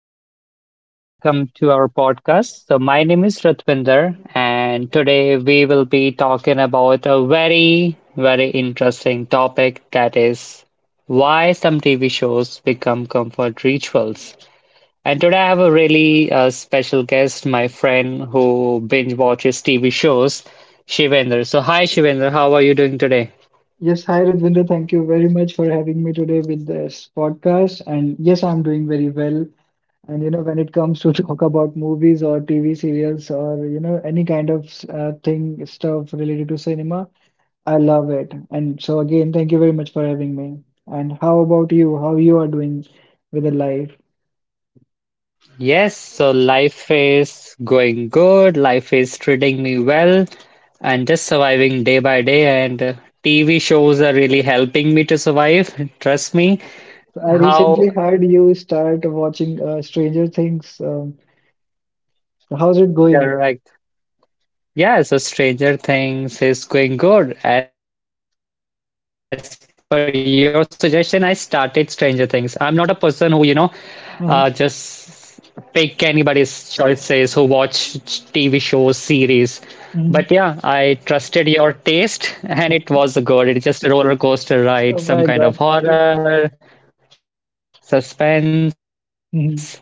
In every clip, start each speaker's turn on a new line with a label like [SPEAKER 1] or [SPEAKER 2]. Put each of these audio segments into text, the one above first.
[SPEAKER 1] everyone. Welcome to our podcast. So, my name is Ratvinder, and today we will be talking about a very, very interesting topic, that is why some TV shows become comfort rituals. And today I have a really special guest, my friend who binge watches TV shows, Shivender. So, hi, Shivender, how are you doing today?
[SPEAKER 2] Yes, hi Radvinder. Thank you very much for having me today with this podcast. And yes, I'm doing very well. And you know, when it comes to talk about movies or TV serials or you know any kind of thing stuff related to cinema, I love it. And so again, thank you very much for having me. And how about you? How you are doing with the life?
[SPEAKER 1] Yes, so life is going good, life is treating me well, and just surviving day by day. And TV shows are really helping me to survive. Trust me.
[SPEAKER 2] So I
[SPEAKER 1] How
[SPEAKER 2] recently heard you start watching Stranger Things. So how's it going?
[SPEAKER 1] correct? Yeah, so Stranger Things is going good. As per your suggestion, I started Stranger Things. I'm not a person who, you know, just pick
[SPEAKER 2] Uh-huh.
[SPEAKER 1] anybody's choices who watch TV shows, series. But yeah,
[SPEAKER 2] Mhm.
[SPEAKER 1] I trusted your taste and it was good. It is just a roller coaster
[SPEAKER 2] Oh
[SPEAKER 1] ride,
[SPEAKER 2] my
[SPEAKER 1] some
[SPEAKER 2] God.
[SPEAKER 1] kind of horror, suspense.
[SPEAKER 2] Mhm.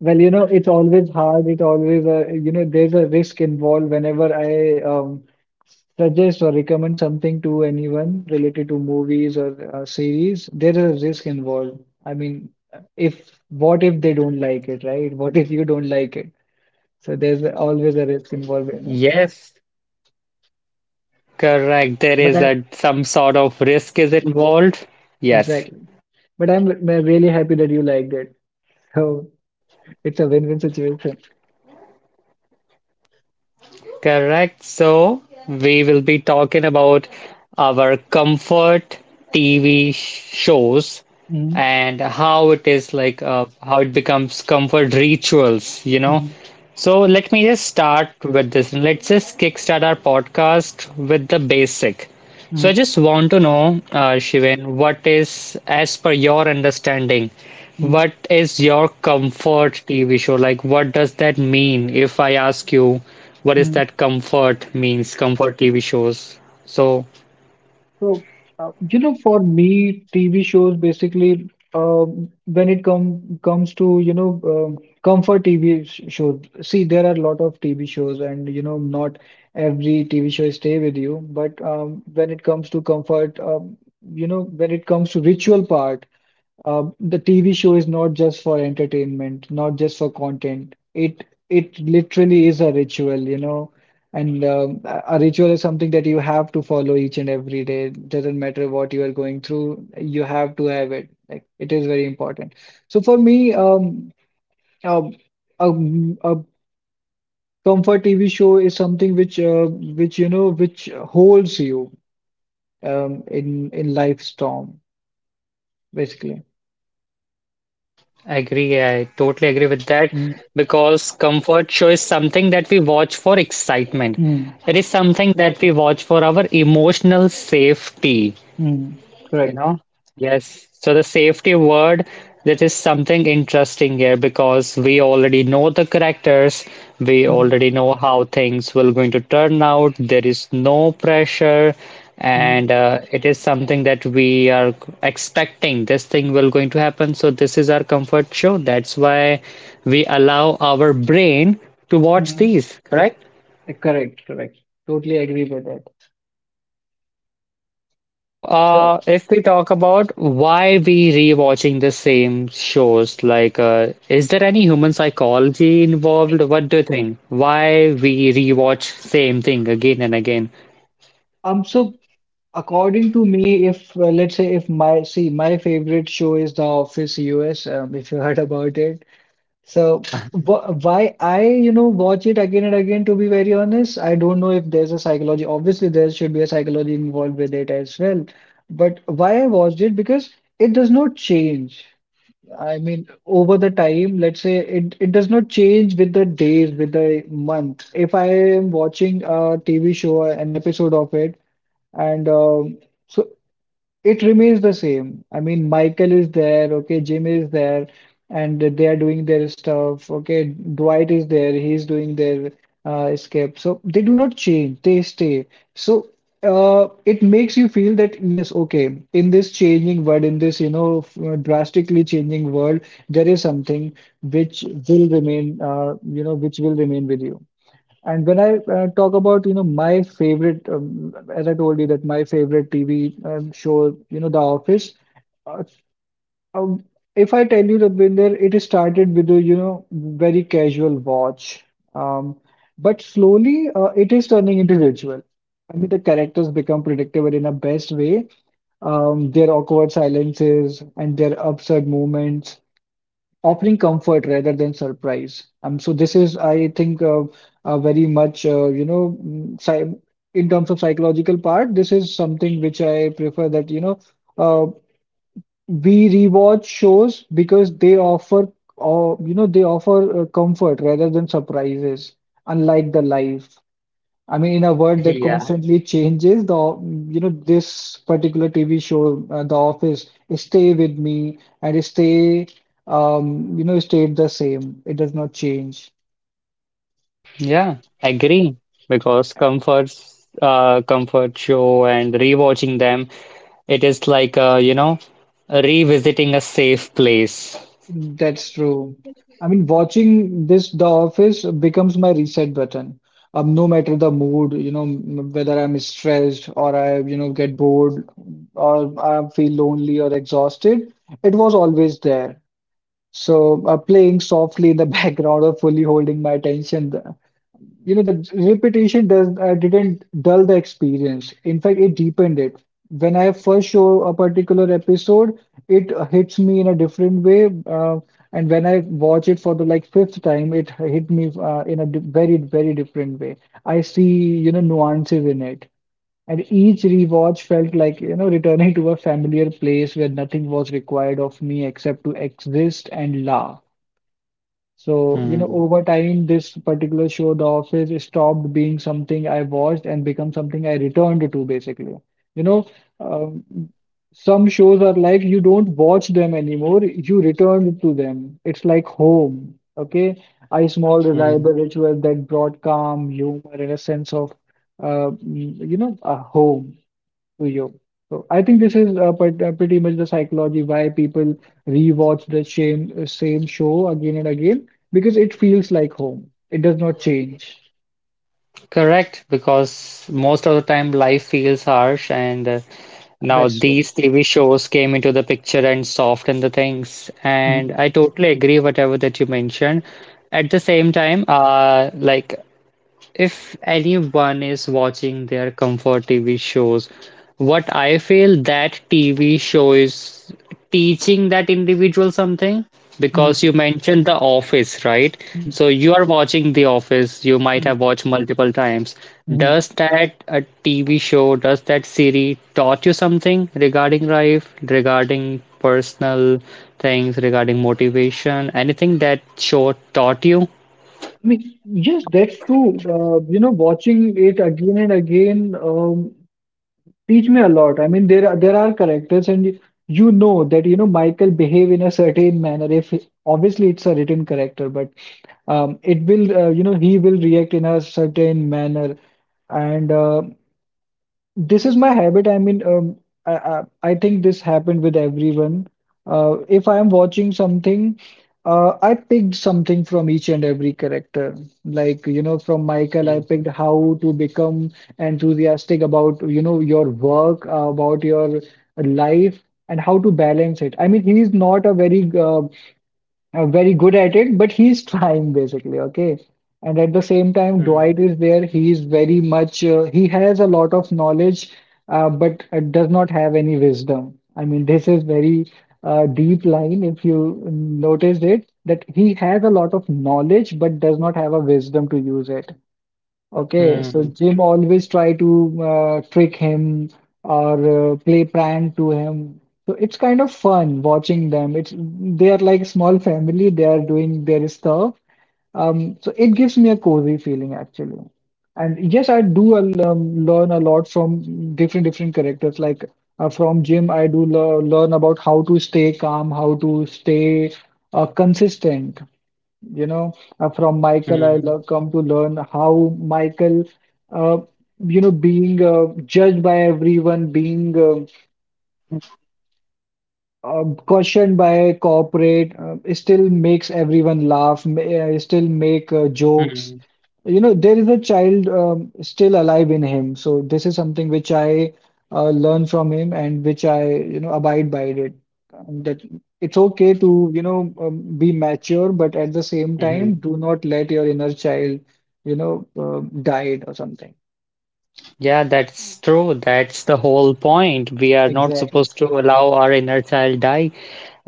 [SPEAKER 2] Well, you know, it's always hard. It always, you know, there's a risk involved whenever I suggest or recommend something to anyone related to movies or series. There is a risk involved. I mean, if what if they don't like it, right? What if you don't like it? So there's always a risk involved in it.
[SPEAKER 1] Yes, correct. There
[SPEAKER 2] But
[SPEAKER 1] is
[SPEAKER 2] I,
[SPEAKER 1] a some sort of risk is involved. Yes.
[SPEAKER 2] exactly. But I'm really happy that you liked it. So it's a win-win situation.
[SPEAKER 1] Correct. So, we will be talking about our comfort TV shows
[SPEAKER 2] Mm-hmm.
[SPEAKER 1] and how it is like how it becomes comfort rituals, you know. So, let me just start with this and let's just kickstart our podcast with the basic. So I
[SPEAKER 2] Mm-hmm.
[SPEAKER 1] just want to know, Shivan, what is, as per your understanding,
[SPEAKER 2] Mm-hmm.
[SPEAKER 1] what is your comfort TV show? Like, what does that mean? If I ask you, what is that comfort means, comfort TV shows? So
[SPEAKER 2] So, you know, for me, TV shows basically, when it comes to, you know, um, comfort TV sh shows. See, there are a lot of TV shows, and you know, not every TV show stay with you. But when it comes to comfort, you know, when it comes to ritual part, the TV show is not just for entertainment, not just for content. It literally is a ritual, you know, and a ritual is something that you have to follow each and every day. Doesn't matter what you are going through, you have to have it. Like it is very important. So for me, um, a comfort TV show is something which holds you in life storm, basically.
[SPEAKER 1] I agree, I totally agree with that
[SPEAKER 2] Mm,
[SPEAKER 1] because comfort show is something that we watch for excitement. It is
[SPEAKER 2] mm,
[SPEAKER 1] something that we watch for our emotional safety.
[SPEAKER 2] mm,
[SPEAKER 1] You
[SPEAKER 2] correct.
[SPEAKER 1] know? Yes. So the safety word, that is something interesting here because we already know the characters, we
[SPEAKER 2] Mm.
[SPEAKER 1] already know how things will going to turn out. There is no pressure,
[SPEAKER 2] Mhm.
[SPEAKER 1] and it is something that we are expecting. This thing will going to happen. So this is our comfort show. That's why we allow our brain to watch
[SPEAKER 2] Mhm.
[SPEAKER 1] these, correct?
[SPEAKER 2] Correct, correct. Totally agree with that.
[SPEAKER 1] So,
[SPEAKER 2] So,
[SPEAKER 1] if we talk about why we rewatching the same shows, like, is there any human psychology involved? What do you think? Why we rewatch same thing again and again?
[SPEAKER 2] so according to me, if let's say if my see my favorite show is The Office US, if you heard about it. So,
[SPEAKER 1] Yeah,
[SPEAKER 2] wh why I you know watch it again and again? To be very honest, I don't know if there's a psychology. Obviously, there should be a psychology involved with it as well. But why I watched it because it does not change. I mean, over the time, let's say it does not change with the days, with the month. If I am watching a TV show, an episode of it, and so it remains the same. I mean, Michael is there, okay, Jim is there, and they are doing their stuff. Okay, Dwight is there, he's doing their escape. So they do not change, they stay. So it makes you feel that, yes, okay, in this changing world, in this, you know, drastically changing world, there is something which will remain, you know, which will remain with you. And when I talk about, you know, my favorite, as I told you that my favorite TV show, you know, The Office. Uh, um, if I tell you, Rabvinder, it started with a, you know, very casual watch. Um, but slowly, it is turning into ritual. I mean, the characters become predictable in a best way. Their awkward silences and their absurd moments offering comfort rather than surprise. So this is, I think, very much, you know, in terms of psychological part, this is something which I prefer that, you know, uh, we rewatch shows because they offer, or you know, they offer comfort rather than surprises, unlike the life. I mean, in a world that
[SPEAKER 1] yeah,
[SPEAKER 2] constantly changes, the you know this particular TV show, The Office, stay with me and stay, you know, stayed the same. It does not change.
[SPEAKER 1] yeah, agree. Because comfort show and rewatching them, it is like, you know, revisiting a safe place.
[SPEAKER 2] That's true. I mean, watching this The Office becomes my reset button. No matter the mood, you know, whether I'm stressed or I, you know, get bored or I feel lonely or exhausted, it was always there. So playing softly in the background or fully holding my attention, you know, the repetition does didn't
[SPEAKER 1] Hmm.
[SPEAKER 2] dull the experience. In fact, it deepened it. When I first show a particular episode, it hits me in a different way, and when I watch it for the like fifth time, it hit me in a di very very different way. I see, you know, nuances in it. And each rewatch felt like, you know, returning to a familiar place where nothing was required of me except to exist and laugh. So, you know,
[SPEAKER 1] Hmm.
[SPEAKER 2] over time, this particular show, The Office, stopped being something I watched and become something I returned to, basically. You know, um, some shows are like you don't watch them anymore, you return to them. It's like home, okay? A small, reliable ritual that brought calm, humor, and a sense of, you know, a home. To you, so I think this is pretty much the psychology why people rewatch the same show again and again because it feels like home. It does not change.
[SPEAKER 1] Correct, because most of the time life feels harsh, and now
[SPEAKER 2] That's so.
[SPEAKER 1] these TV shows came into the picture and softened the things. And
[SPEAKER 2] Mhm.
[SPEAKER 1] I totally agree whatever that you mentioned. At the same time, like if anyone is watching their comfort TV shows, what I feel that TV show is teaching that individual something because you
[SPEAKER 2] Mhm.
[SPEAKER 1] mentioned The Office, right?
[SPEAKER 2] Mhm.
[SPEAKER 1] So you are watching The Office, you might have
[SPEAKER 2] Mhm.
[SPEAKER 1] watched multiple times.
[SPEAKER 2] Mhm.
[SPEAKER 1] Does that a TV show, does that series taught you something regarding life, regarding personal things, regarding motivation, anything that show taught you?
[SPEAKER 2] I mean, yes, that's true. You know, watching it again and again teach me a lot. I mean, there are characters, you know that you know Michael behave in a certain manner. If obviously it's a written character, but it will you know he will react in a certain manner and this is my habit. I mean um, I, I i think this happened with everyone. If I am watching something, I picked something from each and every character, like you know from Michael I
[SPEAKER 1] Hmm.
[SPEAKER 2] picked how to become enthusiastic about you know your work, about your life and how to balance it. I mean he is not a very good at it, but he's trying basically, okay? And at the same time,
[SPEAKER 1] Hmm.
[SPEAKER 2] Dwight is there. He's very much, he has a lot of knowledge, but does not have any wisdom. I mean, this is very deep line if you noticed it, that he has a lot of knowledge, but does not have a wisdom to use it. Okay, so
[SPEAKER 1] Hmm.
[SPEAKER 2] Jim always try to trick him or play prank to him. So it's kind of fun watching them. It's they are like small family. They are doing their stuff. So it gives me a cozy feeling actually. And yes, I do learn a lot from different different characters. Like from Jim, I do le learn about how to stay calm, how to stay consistent, you know, from Michael
[SPEAKER 1] Mhm,
[SPEAKER 2] come to learn how Michael uh, you know being judged by everyone, being cautioned by corporate, still makes everyone laugh, still make jokes.
[SPEAKER 1] mhm,
[SPEAKER 2] You know, there is a child still alive in him. So this is something which I learn from him and which I, you know, abide by it. That it's okay to, you know, be mature, but at the same
[SPEAKER 1] mhm.
[SPEAKER 2] time, do not let your inner child, you know, die or something.
[SPEAKER 1] Yeah, that's true. That's the whole point. We are not
[SPEAKER 2] Exactly.
[SPEAKER 1] supposed to allow our inner child die.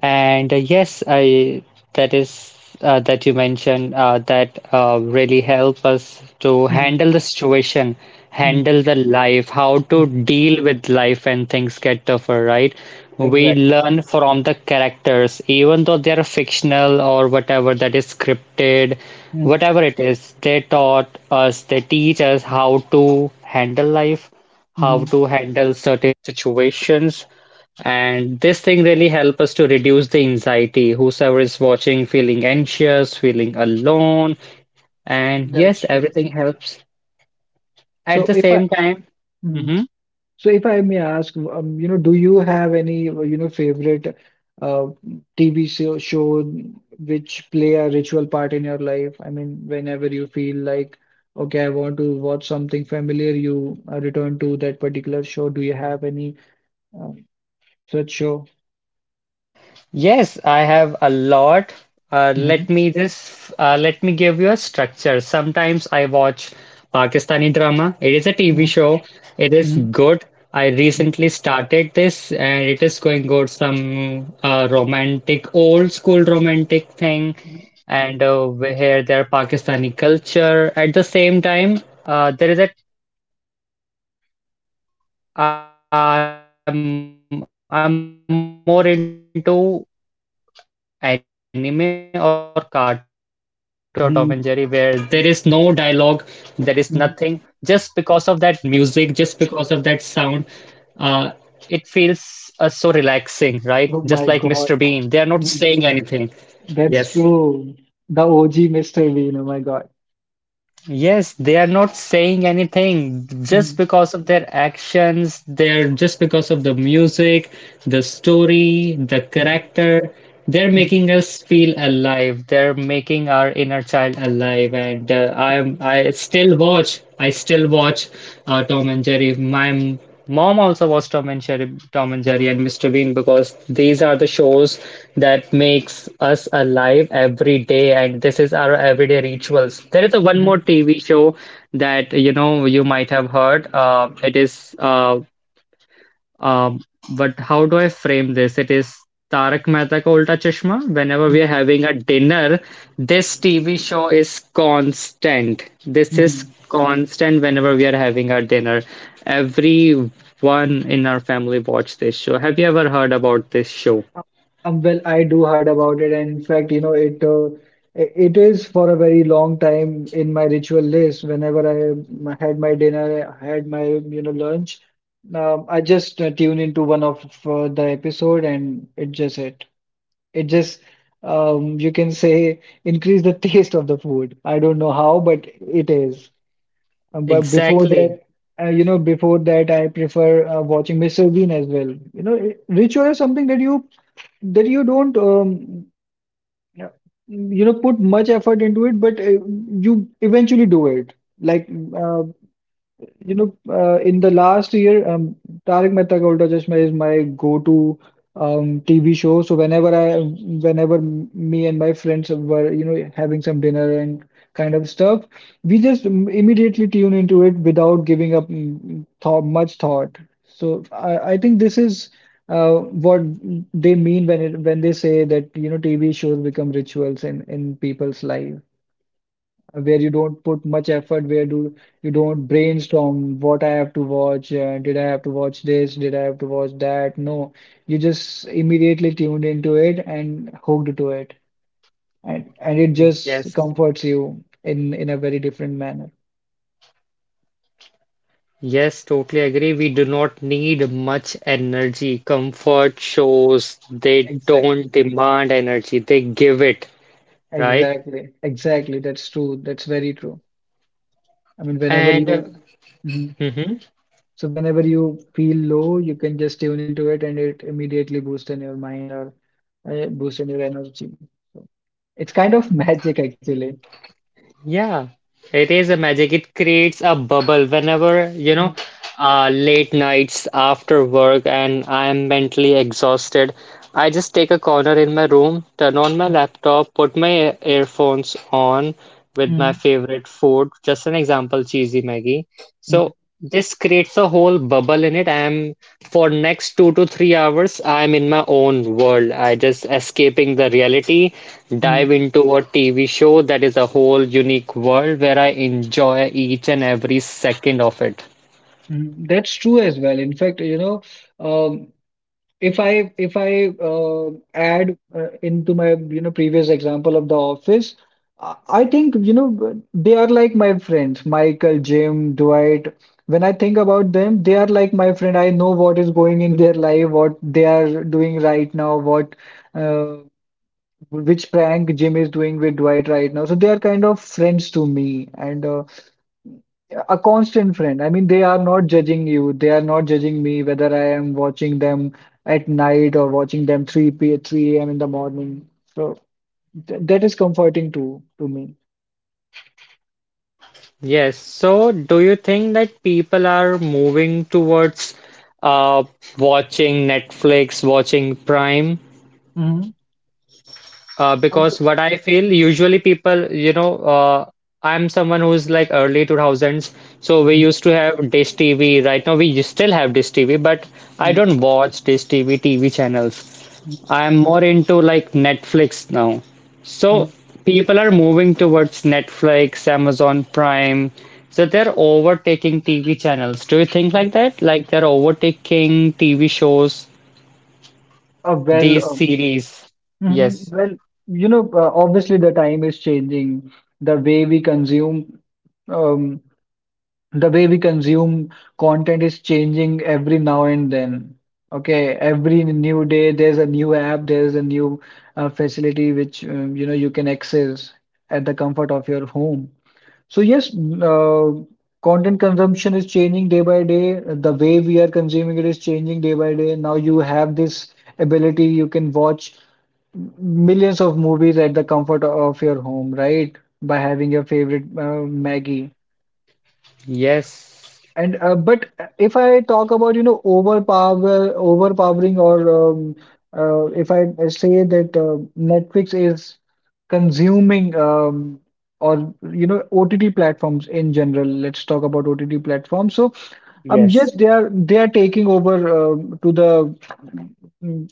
[SPEAKER 1] And yes, I that is that you mentioned that really help us to
[SPEAKER 2] Mhm,
[SPEAKER 1] handle the situation,
[SPEAKER 2] mhm,
[SPEAKER 1] handle the life, how to
[SPEAKER 2] mhm.
[SPEAKER 1] deal with life when things get tougher, right? We
[SPEAKER 2] Exactly.
[SPEAKER 1] learn from the characters, even though they are fictional or whatever that is scripted,
[SPEAKER 2] Mhm,
[SPEAKER 1] whatever it is, they taught us, they teach us how to handle life, how
[SPEAKER 2] mhm.
[SPEAKER 1] to handle certain situations, and this thing really helps us to reduce the anxiety. Whosoever is watching, feeling anxious, feeling alone, and
[SPEAKER 2] That's
[SPEAKER 1] yes,
[SPEAKER 2] true.
[SPEAKER 1] everything helps.
[SPEAKER 2] So
[SPEAKER 1] At the
[SPEAKER 2] if I
[SPEAKER 1] same time,
[SPEAKER 2] Mm.
[SPEAKER 1] mhm.
[SPEAKER 2] So if I may ask, you know, do you have any, you know, favorite uh, TV show, show which play a ritual part in your life? I mean, whenever you feel like, okay, I want to watch something familiar, you return to that particular show. Do you have any uh, such show?
[SPEAKER 1] Yes, I have a lot. Uh,
[SPEAKER 2] Mm-hmm.
[SPEAKER 1] let me just uh, let me give you a structure. Sometimes I watch Pakistani drama. It is a TV
[SPEAKER 2] Mm-hmm.
[SPEAKER 1] show. It is
[SPEAKER 2] Mm-hmm.
[SPEAKER 1] good. I recently started this, and it is going good. Some romantic, old school romantic thing,
[SPEAKER 2] Mm-hmm.
[SPEAKER 1] and we hear their Pakistani culture. At the same time, there is a I'm more into anime or cartoon, right? So, do you remember watching Tom and Jerry? There is a TV show, Tom and Jerry, where there is no dialogue, there is
[SPEAKER 2] Mm,
[SPEAKER 1] nothing. Just because of that music,
[SPEAKER 2] mm.
[SPEAKER 1] just because of that sound, uh, it feels so relaxing, right? Just like Mr. Bean,
[SPEAKER 2] Oh
[SPEAKER 1] they are
[SPEAKER 2] my
[SPEAKER 1] not
[SPEAKER 2] God.
[SPEAKER 1] saying anything.
[SPEAKER 2] Mhm.
[SPEAKER 1] Yes.
[SPEAKER 2] That's true. The OG Mr. Bean, oh my God.
[SPEAKER 1] Yes, they are not saying anything, just
[SPEAKER 2] Mhm.
[SPEAKER 1] because of their actions, they're just because of the music, the story, the
[SPEAKER 2] Mhm.
[SPEAKER 1] character. They're
[SPEAKER 2] Mhm.
[SPEAKER 1] making us feel alive. They're making our inner child alive. And I still watch. I still watch Tom and Jerry. My mom also watched Tom and Jerry and Mr. Bean, because these are the shows that makes us alive every day, and this is our everyday rituals. There is a one more
[SPEAKER 2] Mhm.
[SPEAKER 1] TV show that you know you might have heard. It is um, but how do I frame this? It is Tarak Mehta Ka Ulta Chashma. Whenever we are
[SPEAKER 2] Mhm.
[SPEAKER 1] having a dinner, this TV show is constant. This is
[SPEAKER 2] Mhm.
[SPEAKER 1] constant whenever we are having our dinner. Everyone in our family watch this show. Have you ever heard about this show?
[SPEAKER 2] Well, I do heard about it, and in fact, you know, it it is for a very long time in my ritual list. Whenever I had my dinner, I had my you know lunch, I just tune into one of the episode, and it just hit. It just you can say increase the taste of the food. I don't know how, but it is. But before
[SPEAKER 1] Exactly.
[SPEAKER 2] that, you know, before that, I prefer watching Mr. Bean as well. You know, ritual is something that you don't, you know, put much effort into it, but you eventually do it. Like uh, you know, in the last year, Tarak Mehta Ka Ulta Chashma is my go-to TV show. So whenever me and my friends were, you know, having some dinner and kind of stuff, we just immediately tune into it without giving up much thought. So I think this is what they mean when they say that, you know, TV shows become rituals in people's life, where you don't put much effort, where do you don't brainstorm what I have to watch, did I have to watch this, did I have to watch that? No, you just immediately tuned into it and hooked to it, and it just
[SPEAKER 1] Yes.
[SPEAKER 2] comforts you in a very different manner.
[SPEAKER 1] Yes, totally agree. We do not need much energy. Comfort shows, they
[SPEAKER 2] Exactly,
[SPEAKER 1] don't demand energy, they give it, right?
[SPEAKER 2] exactly, exactly. That's true. That's very true. I mean, whenever
[SPEAKER 1] And
[SPEAKER 2] you. Mhm.
[SPEAKER 1] mhm,
[SPEAKER 2] So whenever you feel low, you can just tune into it and it immediately boosts in your mind, or boosts in your energy. So it's kind of magic actually.
[SPEAKER 1] yeah, it is a magic. It creates a bubble whenever, you
[SPEAKER 2] Mm,
[SPEAKER 1] know, late nights after work and I am mentally exhausted. I just take a corner in my room, turn on my laptop, put my earphones on
[SPEAKER 2] mm,
[SPEAKER 1] with my
[SPEAKER 2] mm,
[SPEAKER 1] favorite food. Just an example, cheesy Maggie.
[SPEAKER 2] mm,
[SPEAKER 1] So this creates a whole bubble in it. I am, for next 2 to 3 hours, I am in my own world. I just escaping the reality,
[SPEAKER 2] mm,
[SPEAKER 1] dive into a TV show that is a whole unique world where I enjoy each and every second of it.
[SPEAKER 2] mm. That's true as well. In fact, you know, um, if I add into my, you know, previous example of The Office, I think, you know, they are like my friends, Michael, Jim, Dwight. When I think about them, they are like my friend. I know what is going in their life, what they are doing right now, what uh, which prank Jim is doing with Dwight right now. So they are kind of friends to me, and a constant friend. I mean, they are not judging you. They are not judging me whether I am watching them at night or watching them 3 a.m. in the morning. So th that is comforting to me.
[SPEAKER 1] Yes, so do you think that people are moving towards uh, watching Netflix, watching Prime,
[SPEAKER 2] Mm-hmm. A.
[SPEAKER 1] Because what I feel, usually people, you know, I'm someone who's like early 2000s, so we used to have dish TV. Right now, we still have dish TV, but I don't watch dish TV channels. I am more into like Netflix now. So
[SPEAKER 2] Mm-hmm.
[SPEAKER 1] people are moving towards Netflix, Amazon Prime. So they're overtaking TV channels. Do you think like that? Like they're overtaking TV shows,
[SPEAKER 2] Well,
[SPEAKER 1] these series?
[SPEAKER 2] mhm,
[SPEAKER 1] Yes.
[SPEAKER 2] well, you know, obviously the time is changing, the way we consume. Um, the way we consume content is changing every now and then. Okay, every new day there's a new app, there's a new facility which, you know, you can access at the comfort of your home. So yes, content consumption is changing day by day. The way we are consuming it is changing day by day. Now you have this ability, you can watch millions of movies at the comfort of your home, right? By having your favorite Maggie.
[SPEAKER 1] Yes.
[SPEAKER 2] And but if I talk about, you know, overpowering, or um, if I say that Netflix is consuming, or, you know, OTT platforms in general, let's talk about OTT platforms. So yes,
[SPEAKER 1] Yes,
[SPEAKER 2] they are taking over to the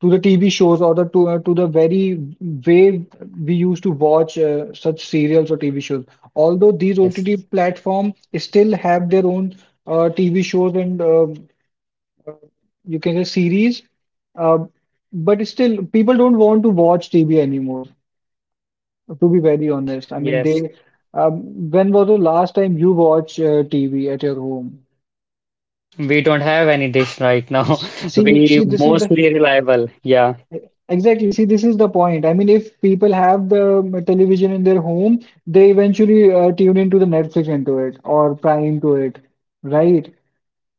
[SPEAKER 2] to the TV shows, or the to the very way we used to watch such serials or TV shows. Although these
[SPEAKER 1] yes,
[SPEAKER 2] OTT platform still have their own TV shows, and you can say, series, uh, but still people don't want to watch TV anymore. To be very honest, I mean
[SPEAKER 1] yes.
[SPEAKER 2] they. When was the last time you watched TV at your home?
[SPEAKER 1] We don't have any dish right now.
[SPEAKER 2] See,
[SPEAKER 1] We
[SPEAKER 2] see, this is the.
[SPEAKER 1] mostly reliable. Yeah,
[SPEAKER 2] Exactly. See, this is the point. I mean, if people have the television in their home, they eventually tune into the Netflix into it, or Prime to it, right?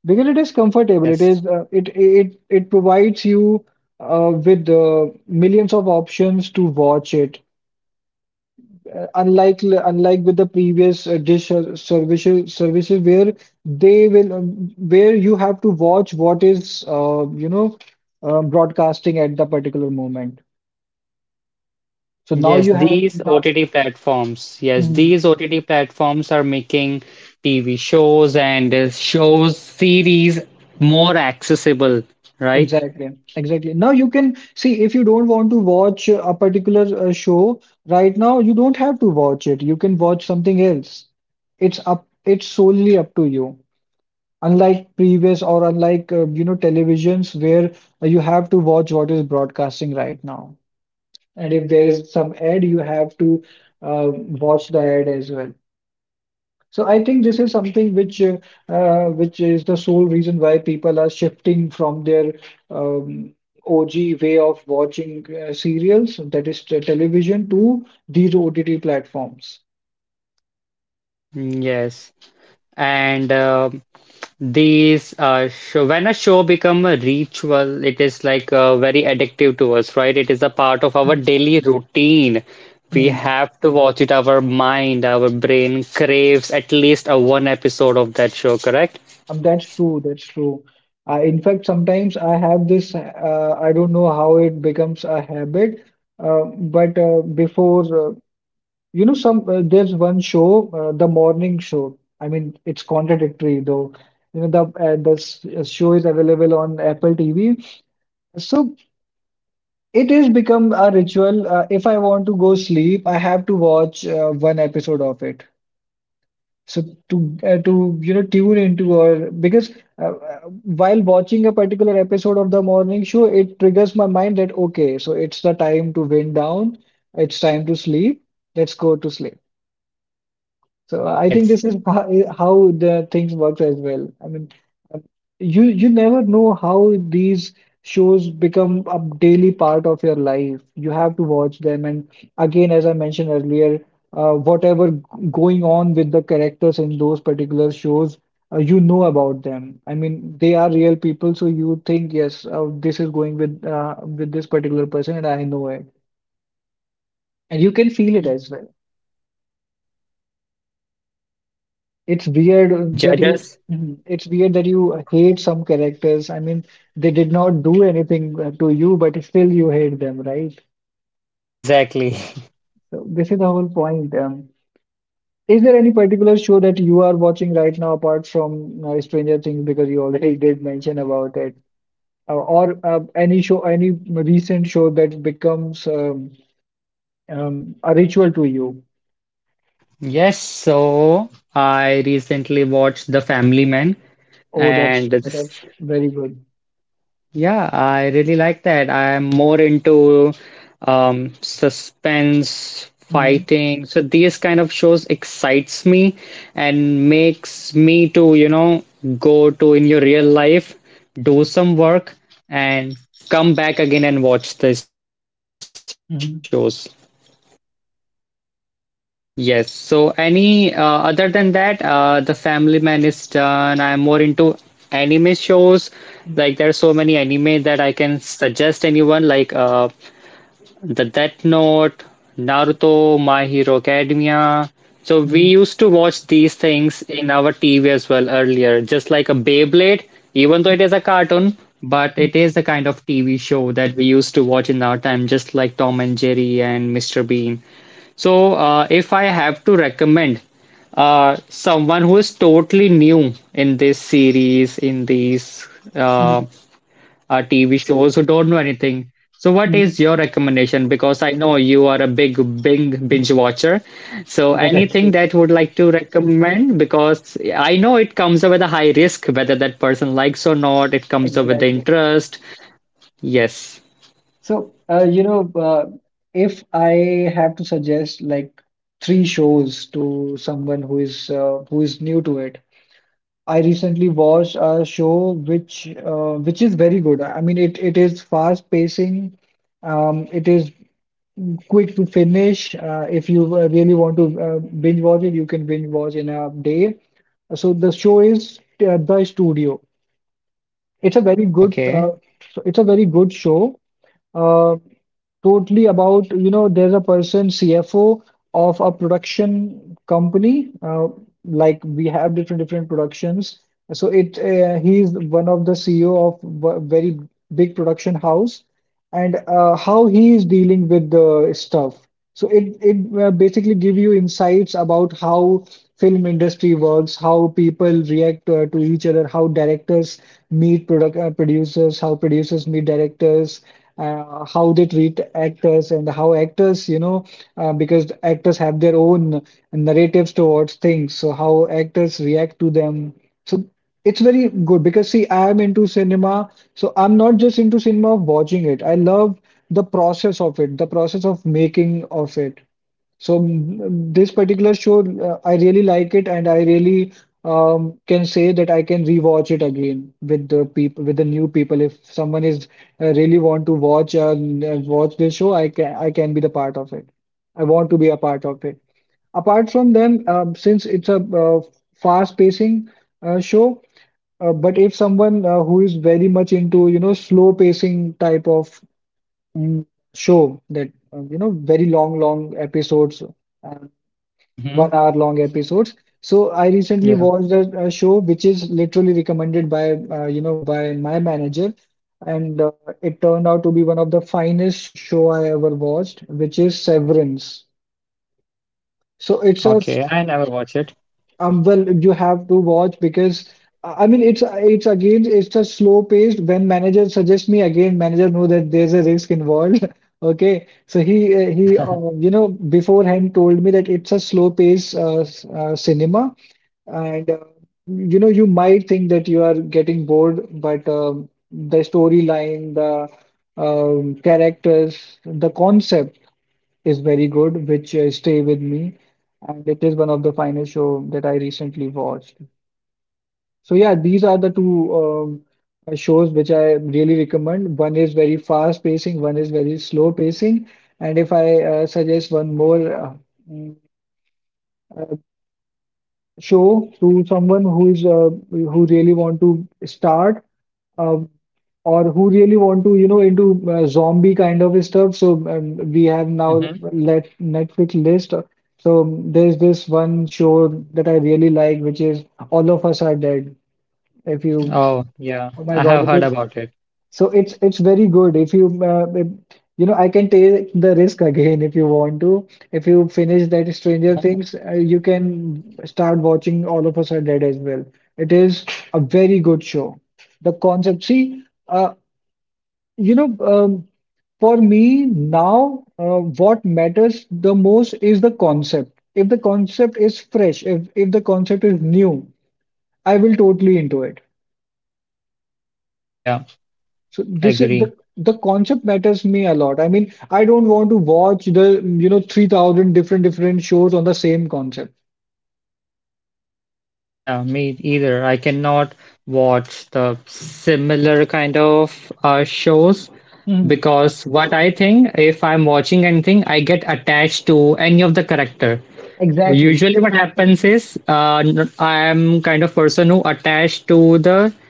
[SPEAKER 2] Because it is comfortable. It
[SPEAKER 1] yes.
[SPEAKER 2] is it it it provides you with millions of options to watch it. Unlike with the previous dish or services, where they will where you have to watch what is you know broadcasting at the particular moment. So now
[SPEAKER 1] Yes,
[SPEAKER 2] you have
[SPEAKER 1] these
[SPEAKER 2] now
[SPEAKER 1] OTT platforms. Yes,
[SPEAKER 2] Mhm.
[SPEAKER 1] these OTT platforms are making TV shows and shows series more accessible, right?
[SPEAKER 2] Exactly, exactly, now you can see, if you don't want to watch a particular show right now, you don't have to watch it. You can watch something else. it's up it's solely up to you. Unlike previous, or unlike you know, televisions where you have to watch what is broadcasting right now. And if there is some ad, you have to uh, watch the ad as well. So I think this is something which is the sole reason why people are shifting from their um, OG way of watching serials, that is the television, to these OTT platforms.
[SPEAKER 1] Mm, yes. And these show, when a show become a ritual, it is like very addictive to us, right? It is a part of our
[SPEAKER 2] Mm,
[SPEAKER 1] daily routine. We
[SPEAKER 2] mm.
[SPEAKER 1] have to watch it. Our mind, our brain craves at least a one episode of that show, correct?
[SPEAKER 2] That's true. That's true. In fact, sometimes I have this. I don't know how it becomes a habit, but before you know, some there's one show, The Morning Show. I mean, it's contradictory though. You know, the show is available on Apple TV. So it is become a ritual. If I want to go sleep, I have to watch one episode of it. So to you know, tune into, or because uh, uh, while watching a particular episode of The Morning Show, it triggers my mind that okay, so it's the time to wind down. It's time to sleep. Let's go to sleep. So I think
[SPEAKER 1] Yes,
[SPEAKER 2] this is how the things works as well. I mean, um, you never know how these shows become a daily part of your life. You have to watch them, and again, as I mentioned earlier, whatever going on with the characters in those particular shows, you know about them. I mean, they are real people, so you think, yes, this is going with with this particular person, and I know it, and you can feel it as well.
[SPEAKER 1] yes, TV shows
[SPEAKER 2] It's
[SPEAKER 1] don't judge
[SPEAKER 2] weird that
[SPEAKER 1] us.
[SPEAKER 2] you. Mhm. It's weird that you hate some characters. I mean, they did not do anything to you, but still you hate them, right?
[SPEAKER 1] Exactly.
[SPEAKER 2] So this is the whole point. Is there any particular show that you are watching right now apart from Stranger Things, because you already did mention about it, or any show, any recent show that becomes a ritual to you?
[SPEAKER 1] Yes, so I recently watched The Family Man,
[SPEAKER 2] Oh, that's
[SPEAKER 1] and this,
[SPEAKER 2] that's very good.
[SPEAKER 1] yeah, I really like that. I am more into suspense,
[SPEAKER 2] Mhm.
[SPEAKER 1] fighting. So these kind of shows excites me and makes me to, you know, go to in your real life, do some work, and come back again and watch these shows.
[SPEAKER 2] Mhm.
[SPEAKER 1] Yes. So any other than that, The Family Man is done. I'm more into anime shows. Like there are so many anime that I can suggest anyone. Like the Death Note, Naruto, My Hero Academia. So we
[SPEAKER 2] Mhm.
[SPEAKER 1] used to watch these things in our TV as well earlier, just like a Beyblade, even though it is a cartoon, but it is the kind of TV show that we used to watch in our time, just like Tom and Jerry and Mr. Bean. So, if I have to recommend someone who is totally new in this series, in these uh,
[SPEAKER 2] Mhm.
[SPEAKER 1] TV shows who don't know anything. So, what
[SPEAKER 2] Mhm.
[SPEAKER 1] is your recommendation? Because I know you are a big, big binge
[SPEAKER 2] Mhm.
[SPEAKER 1] watcher. So,
[SPEAKER 2] That's
[SPEAKER 1] anything
[SPEAKER 2] it.
[SPEAKER 1] that would like to recommend? Because I know it comes up with a high risk, whether that person likes or not. It comes up with the
[SPEAKER 2] Exactly.
[SPEAKER 1] interest. Yes.
[SPEAKER 2] So, you know, if I have to suggest like three shows to someone who is new to it, I recently watched a show which is very good. I mean, it is fast pacing. It is quick to finish. If you really want to binge watch it, you can binge watch in a day. So the show is The Studio. It's a very good
[SPEAKER 1] Okay.
[SPEAKER 2] so it's a very good show. uh, Totally about, you know, there's a person, CFO of a production company. Like we have different productions. So it he's one of the CEO of very big production house, and how he is dealing with the stuff. So it basically give you insights about how film industry works, how people react to each other, how directors meet product producers, how producers meet directors, how they treat actors, and how actors, you know, because actors have their own narratives towards things, so how actors react to them. So it's very good, because see, I am into cinema, so I'm not just into cinema of watching it. I love the process of it, the process of making of it. So this particular show, I really like it, and I really can say that I can rewatch it again with the people, with the new people. If someone is really want to watch watch this show, I can be the part of it. I want to be a part of it. Apart from them, since it's a fast pacing show, but if someone who is very much into, you know, slow pacing type of mm, show, that you know, very long, long episodes, um, 1 hour
[SPEAKER 1] Mm-hmm.
[SPEAKER 2] long episodes, so I recently watched
[SPEAKER 1] Yeah.
[SPEAKER 2] a show which is literally recommended by you know, by my manager, and it turned out to be one of the finest show I ever watched, which is Severance. So it's a.
[SPEAKER 1] Okay. I never watch it.
[SPEAKER 2] Well, you have to watch because I mean, it's again, it's a slow paced. When manager suggests me, again, manager know that there's a risk involved. Okay, so he you know, beforehand told me that it's a slow pace cinema, and you know, you might think that you are getting bored, but the storyline, the characters, the concept is very good, which stay with me, and it is one of the finest show that I recently watched. So yeah, these are the two shows which I really recommend. One is very fast pacing, one is very slow pacing, and if I suggest one more mm, uh, show to someone who really want to start uh, or who really want to into zombie kind of stuff, so we have now
[SPEAKER 1] Mm-hmm.
[SPEAKER 2] let Netflix list. So there's this one show that I really like, which is All of Us Are Dead, if you,
[SPEAKER 1] Oh, yeah.
[SPEAKER 2] oh my
[SPEAKER 1] I
[SPEAKER 2] God, it
[SPEAKER 1] have heard
[SPEAKER 2] is
[SPEAKER 1] about it.
[SPEAKER 2] so it's very good if you if I can take the risk again, if you want to. If you finish that Stranger Things, you can start watching All of Us Are Dead as well. It is a very good show. The concept, see, you know, um, for me now, what matters the most is the concept. If the concept is fresh, if the concept is new, I will totally into it.
[SPEAKER 1] Yeah.
[SPEAKER 2] So this is, the
[SPEAKER 1] Agree.
[SPEAKER 2] the concept matters me a lot. I mean, I don't want to watch the 3,000 different shows on the same concept.
[SPEAKER 1] Yeah, me either. I cannot watch the similar kind of shows
[SPEAKER 2] Hmm.
[SPEAKER 1] because what I think, if I'm watching anything, I get attached to any of the character.
[SPEAKER 2] Exactly.
[SPEAKER 1] Usually, what happens is I am kind of person who attached to the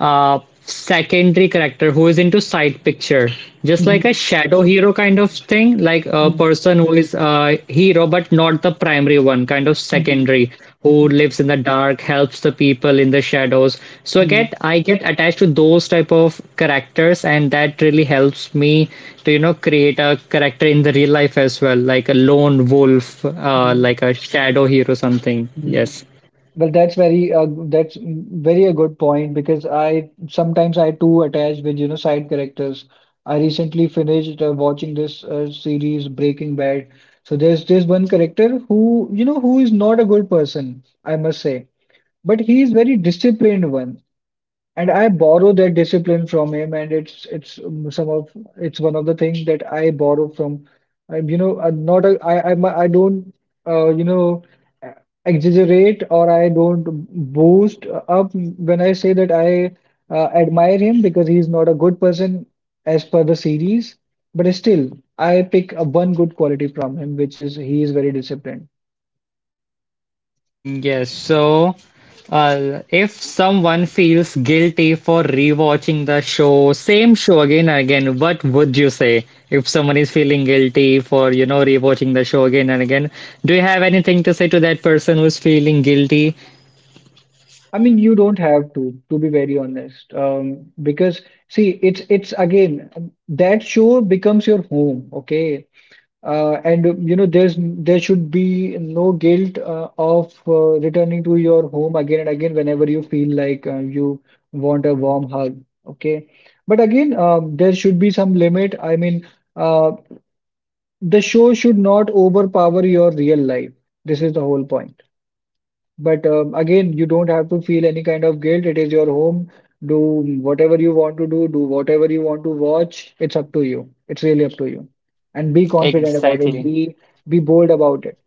[SPEAKER 1] secondary character who is into side picture, just like a
[SPEAKER 2] Hmm.
[SPEAKER 1] shadow hero kind of thing, like a
[SPEAKER 2] Hmm.
[SPEAKER 1] person who is a hero but not the primary one, kind of
[SPEAKER 2] Hmm.
[SPEAKER 1] secondary who lives in the dark, helps the people in the shadows. So I get
[SPEAKER 2] Hmm.
[SPEAKER 1] I get attached to those type of characters, and that really helps me to you know create a character in the real life as well, like a lone wolf,
[SPEAKER 2] Hmm.
[SPEAKER 1] like a shadow hero, something.
[SPEAKER 2] Hmm.
[SPEAKER 1] Yes.
[SPEAKER 2] Well, that's very a good point, because I sometimes, I too attach with side characters. I recently finished watching this series Breaking Bad. So there's this one character who you know who is not a good person, I must say. But he is very disciplined one, and I borrow that discipline from him, and it's one of the things that I borrow from. I'm not a, I I'm a, I don't uh, you know uh, exaggerate, or I don't boost up when I say that I admire him, because he's not a good person as per the series, but still I pick one good quality from him, which is he is very disciplined.
[SPEAKER 1] Yes, so if someone feels guilty for rewatching the show, same show again and again, what would you say? If someone is feeling guilty for, you know, rewatching the show again and again, do you have anything to say to that person who's feeling guilty?
[SPEAKER 2] I mean, you don't have to be very honest, because see, it's again, that show becomes your home, okay? And there should be no guilt of returning to your home again and again whenever you feel like you want a warm hug, okay? But again, there should be some limit. I mean, uh, the show should not overpower your real life. This is the whole point. But again, you don't have to feel any kind of guilt. It is your home. Do whatever you want to do, do whatever you want to watch. It's up to you. It's really up to you. And be confident about it.
[SPEAKER 1] Exactly.
[SPEAKER 2] Be bold about it.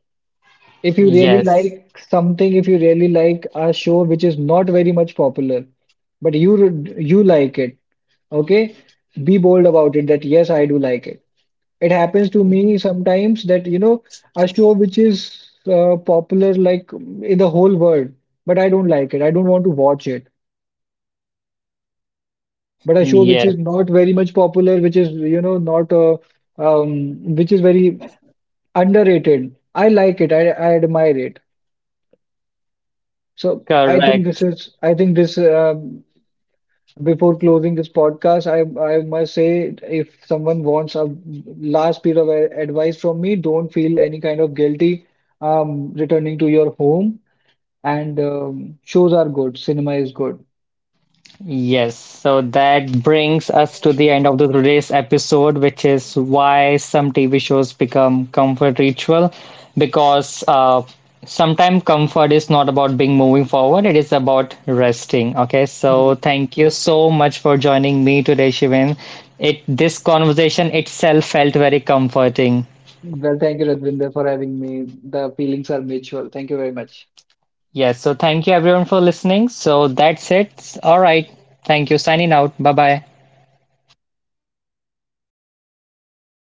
[SPEAKER 2] If you really
[SPEAKER 1] Yes.
[SPEAKER 2] like something, if you really like a show which is not very much popular, but you like it, okay? Be bold about it that yes, I do like it. It happens to me sometimes that, a show which is popular, like in the whole world, but I don't like it, I don't want to watch it. But a show which is
[SPEAKER 1] Yes.
[SPEAKER 2] not very much popular, which is, not which is very underrated, I like it. I admire it. So I think this
[SPEAKER 1] Correct.
[SPEAKER 2] is, I think this, before closing this podcast, I must say, if someone wants a last bit of advice from me, don't feel any kind of guilty returning to your home. And shows are good, cinema is good.
[SPEAKER 1] Yes, so that brings us to the end of the today's episode, which is why some TV shows become comfort ritual. Because sometimes comfort is not about being moving forward; it is about resting. Okay, so
[SPEAKER 2] Mm.
[SPEAKER 1] thank you so much for joining me today, Shivan. It this conversation itself felt very comforting.
[SPEAKER 2] Well, thank you, Radvinder, for having me. The feelings are mutual. Thank you very much.
[SPEAKER 1] Yes, so thank you everyone for listening. So that's it. All right, thank you. Signing out. Bye bye.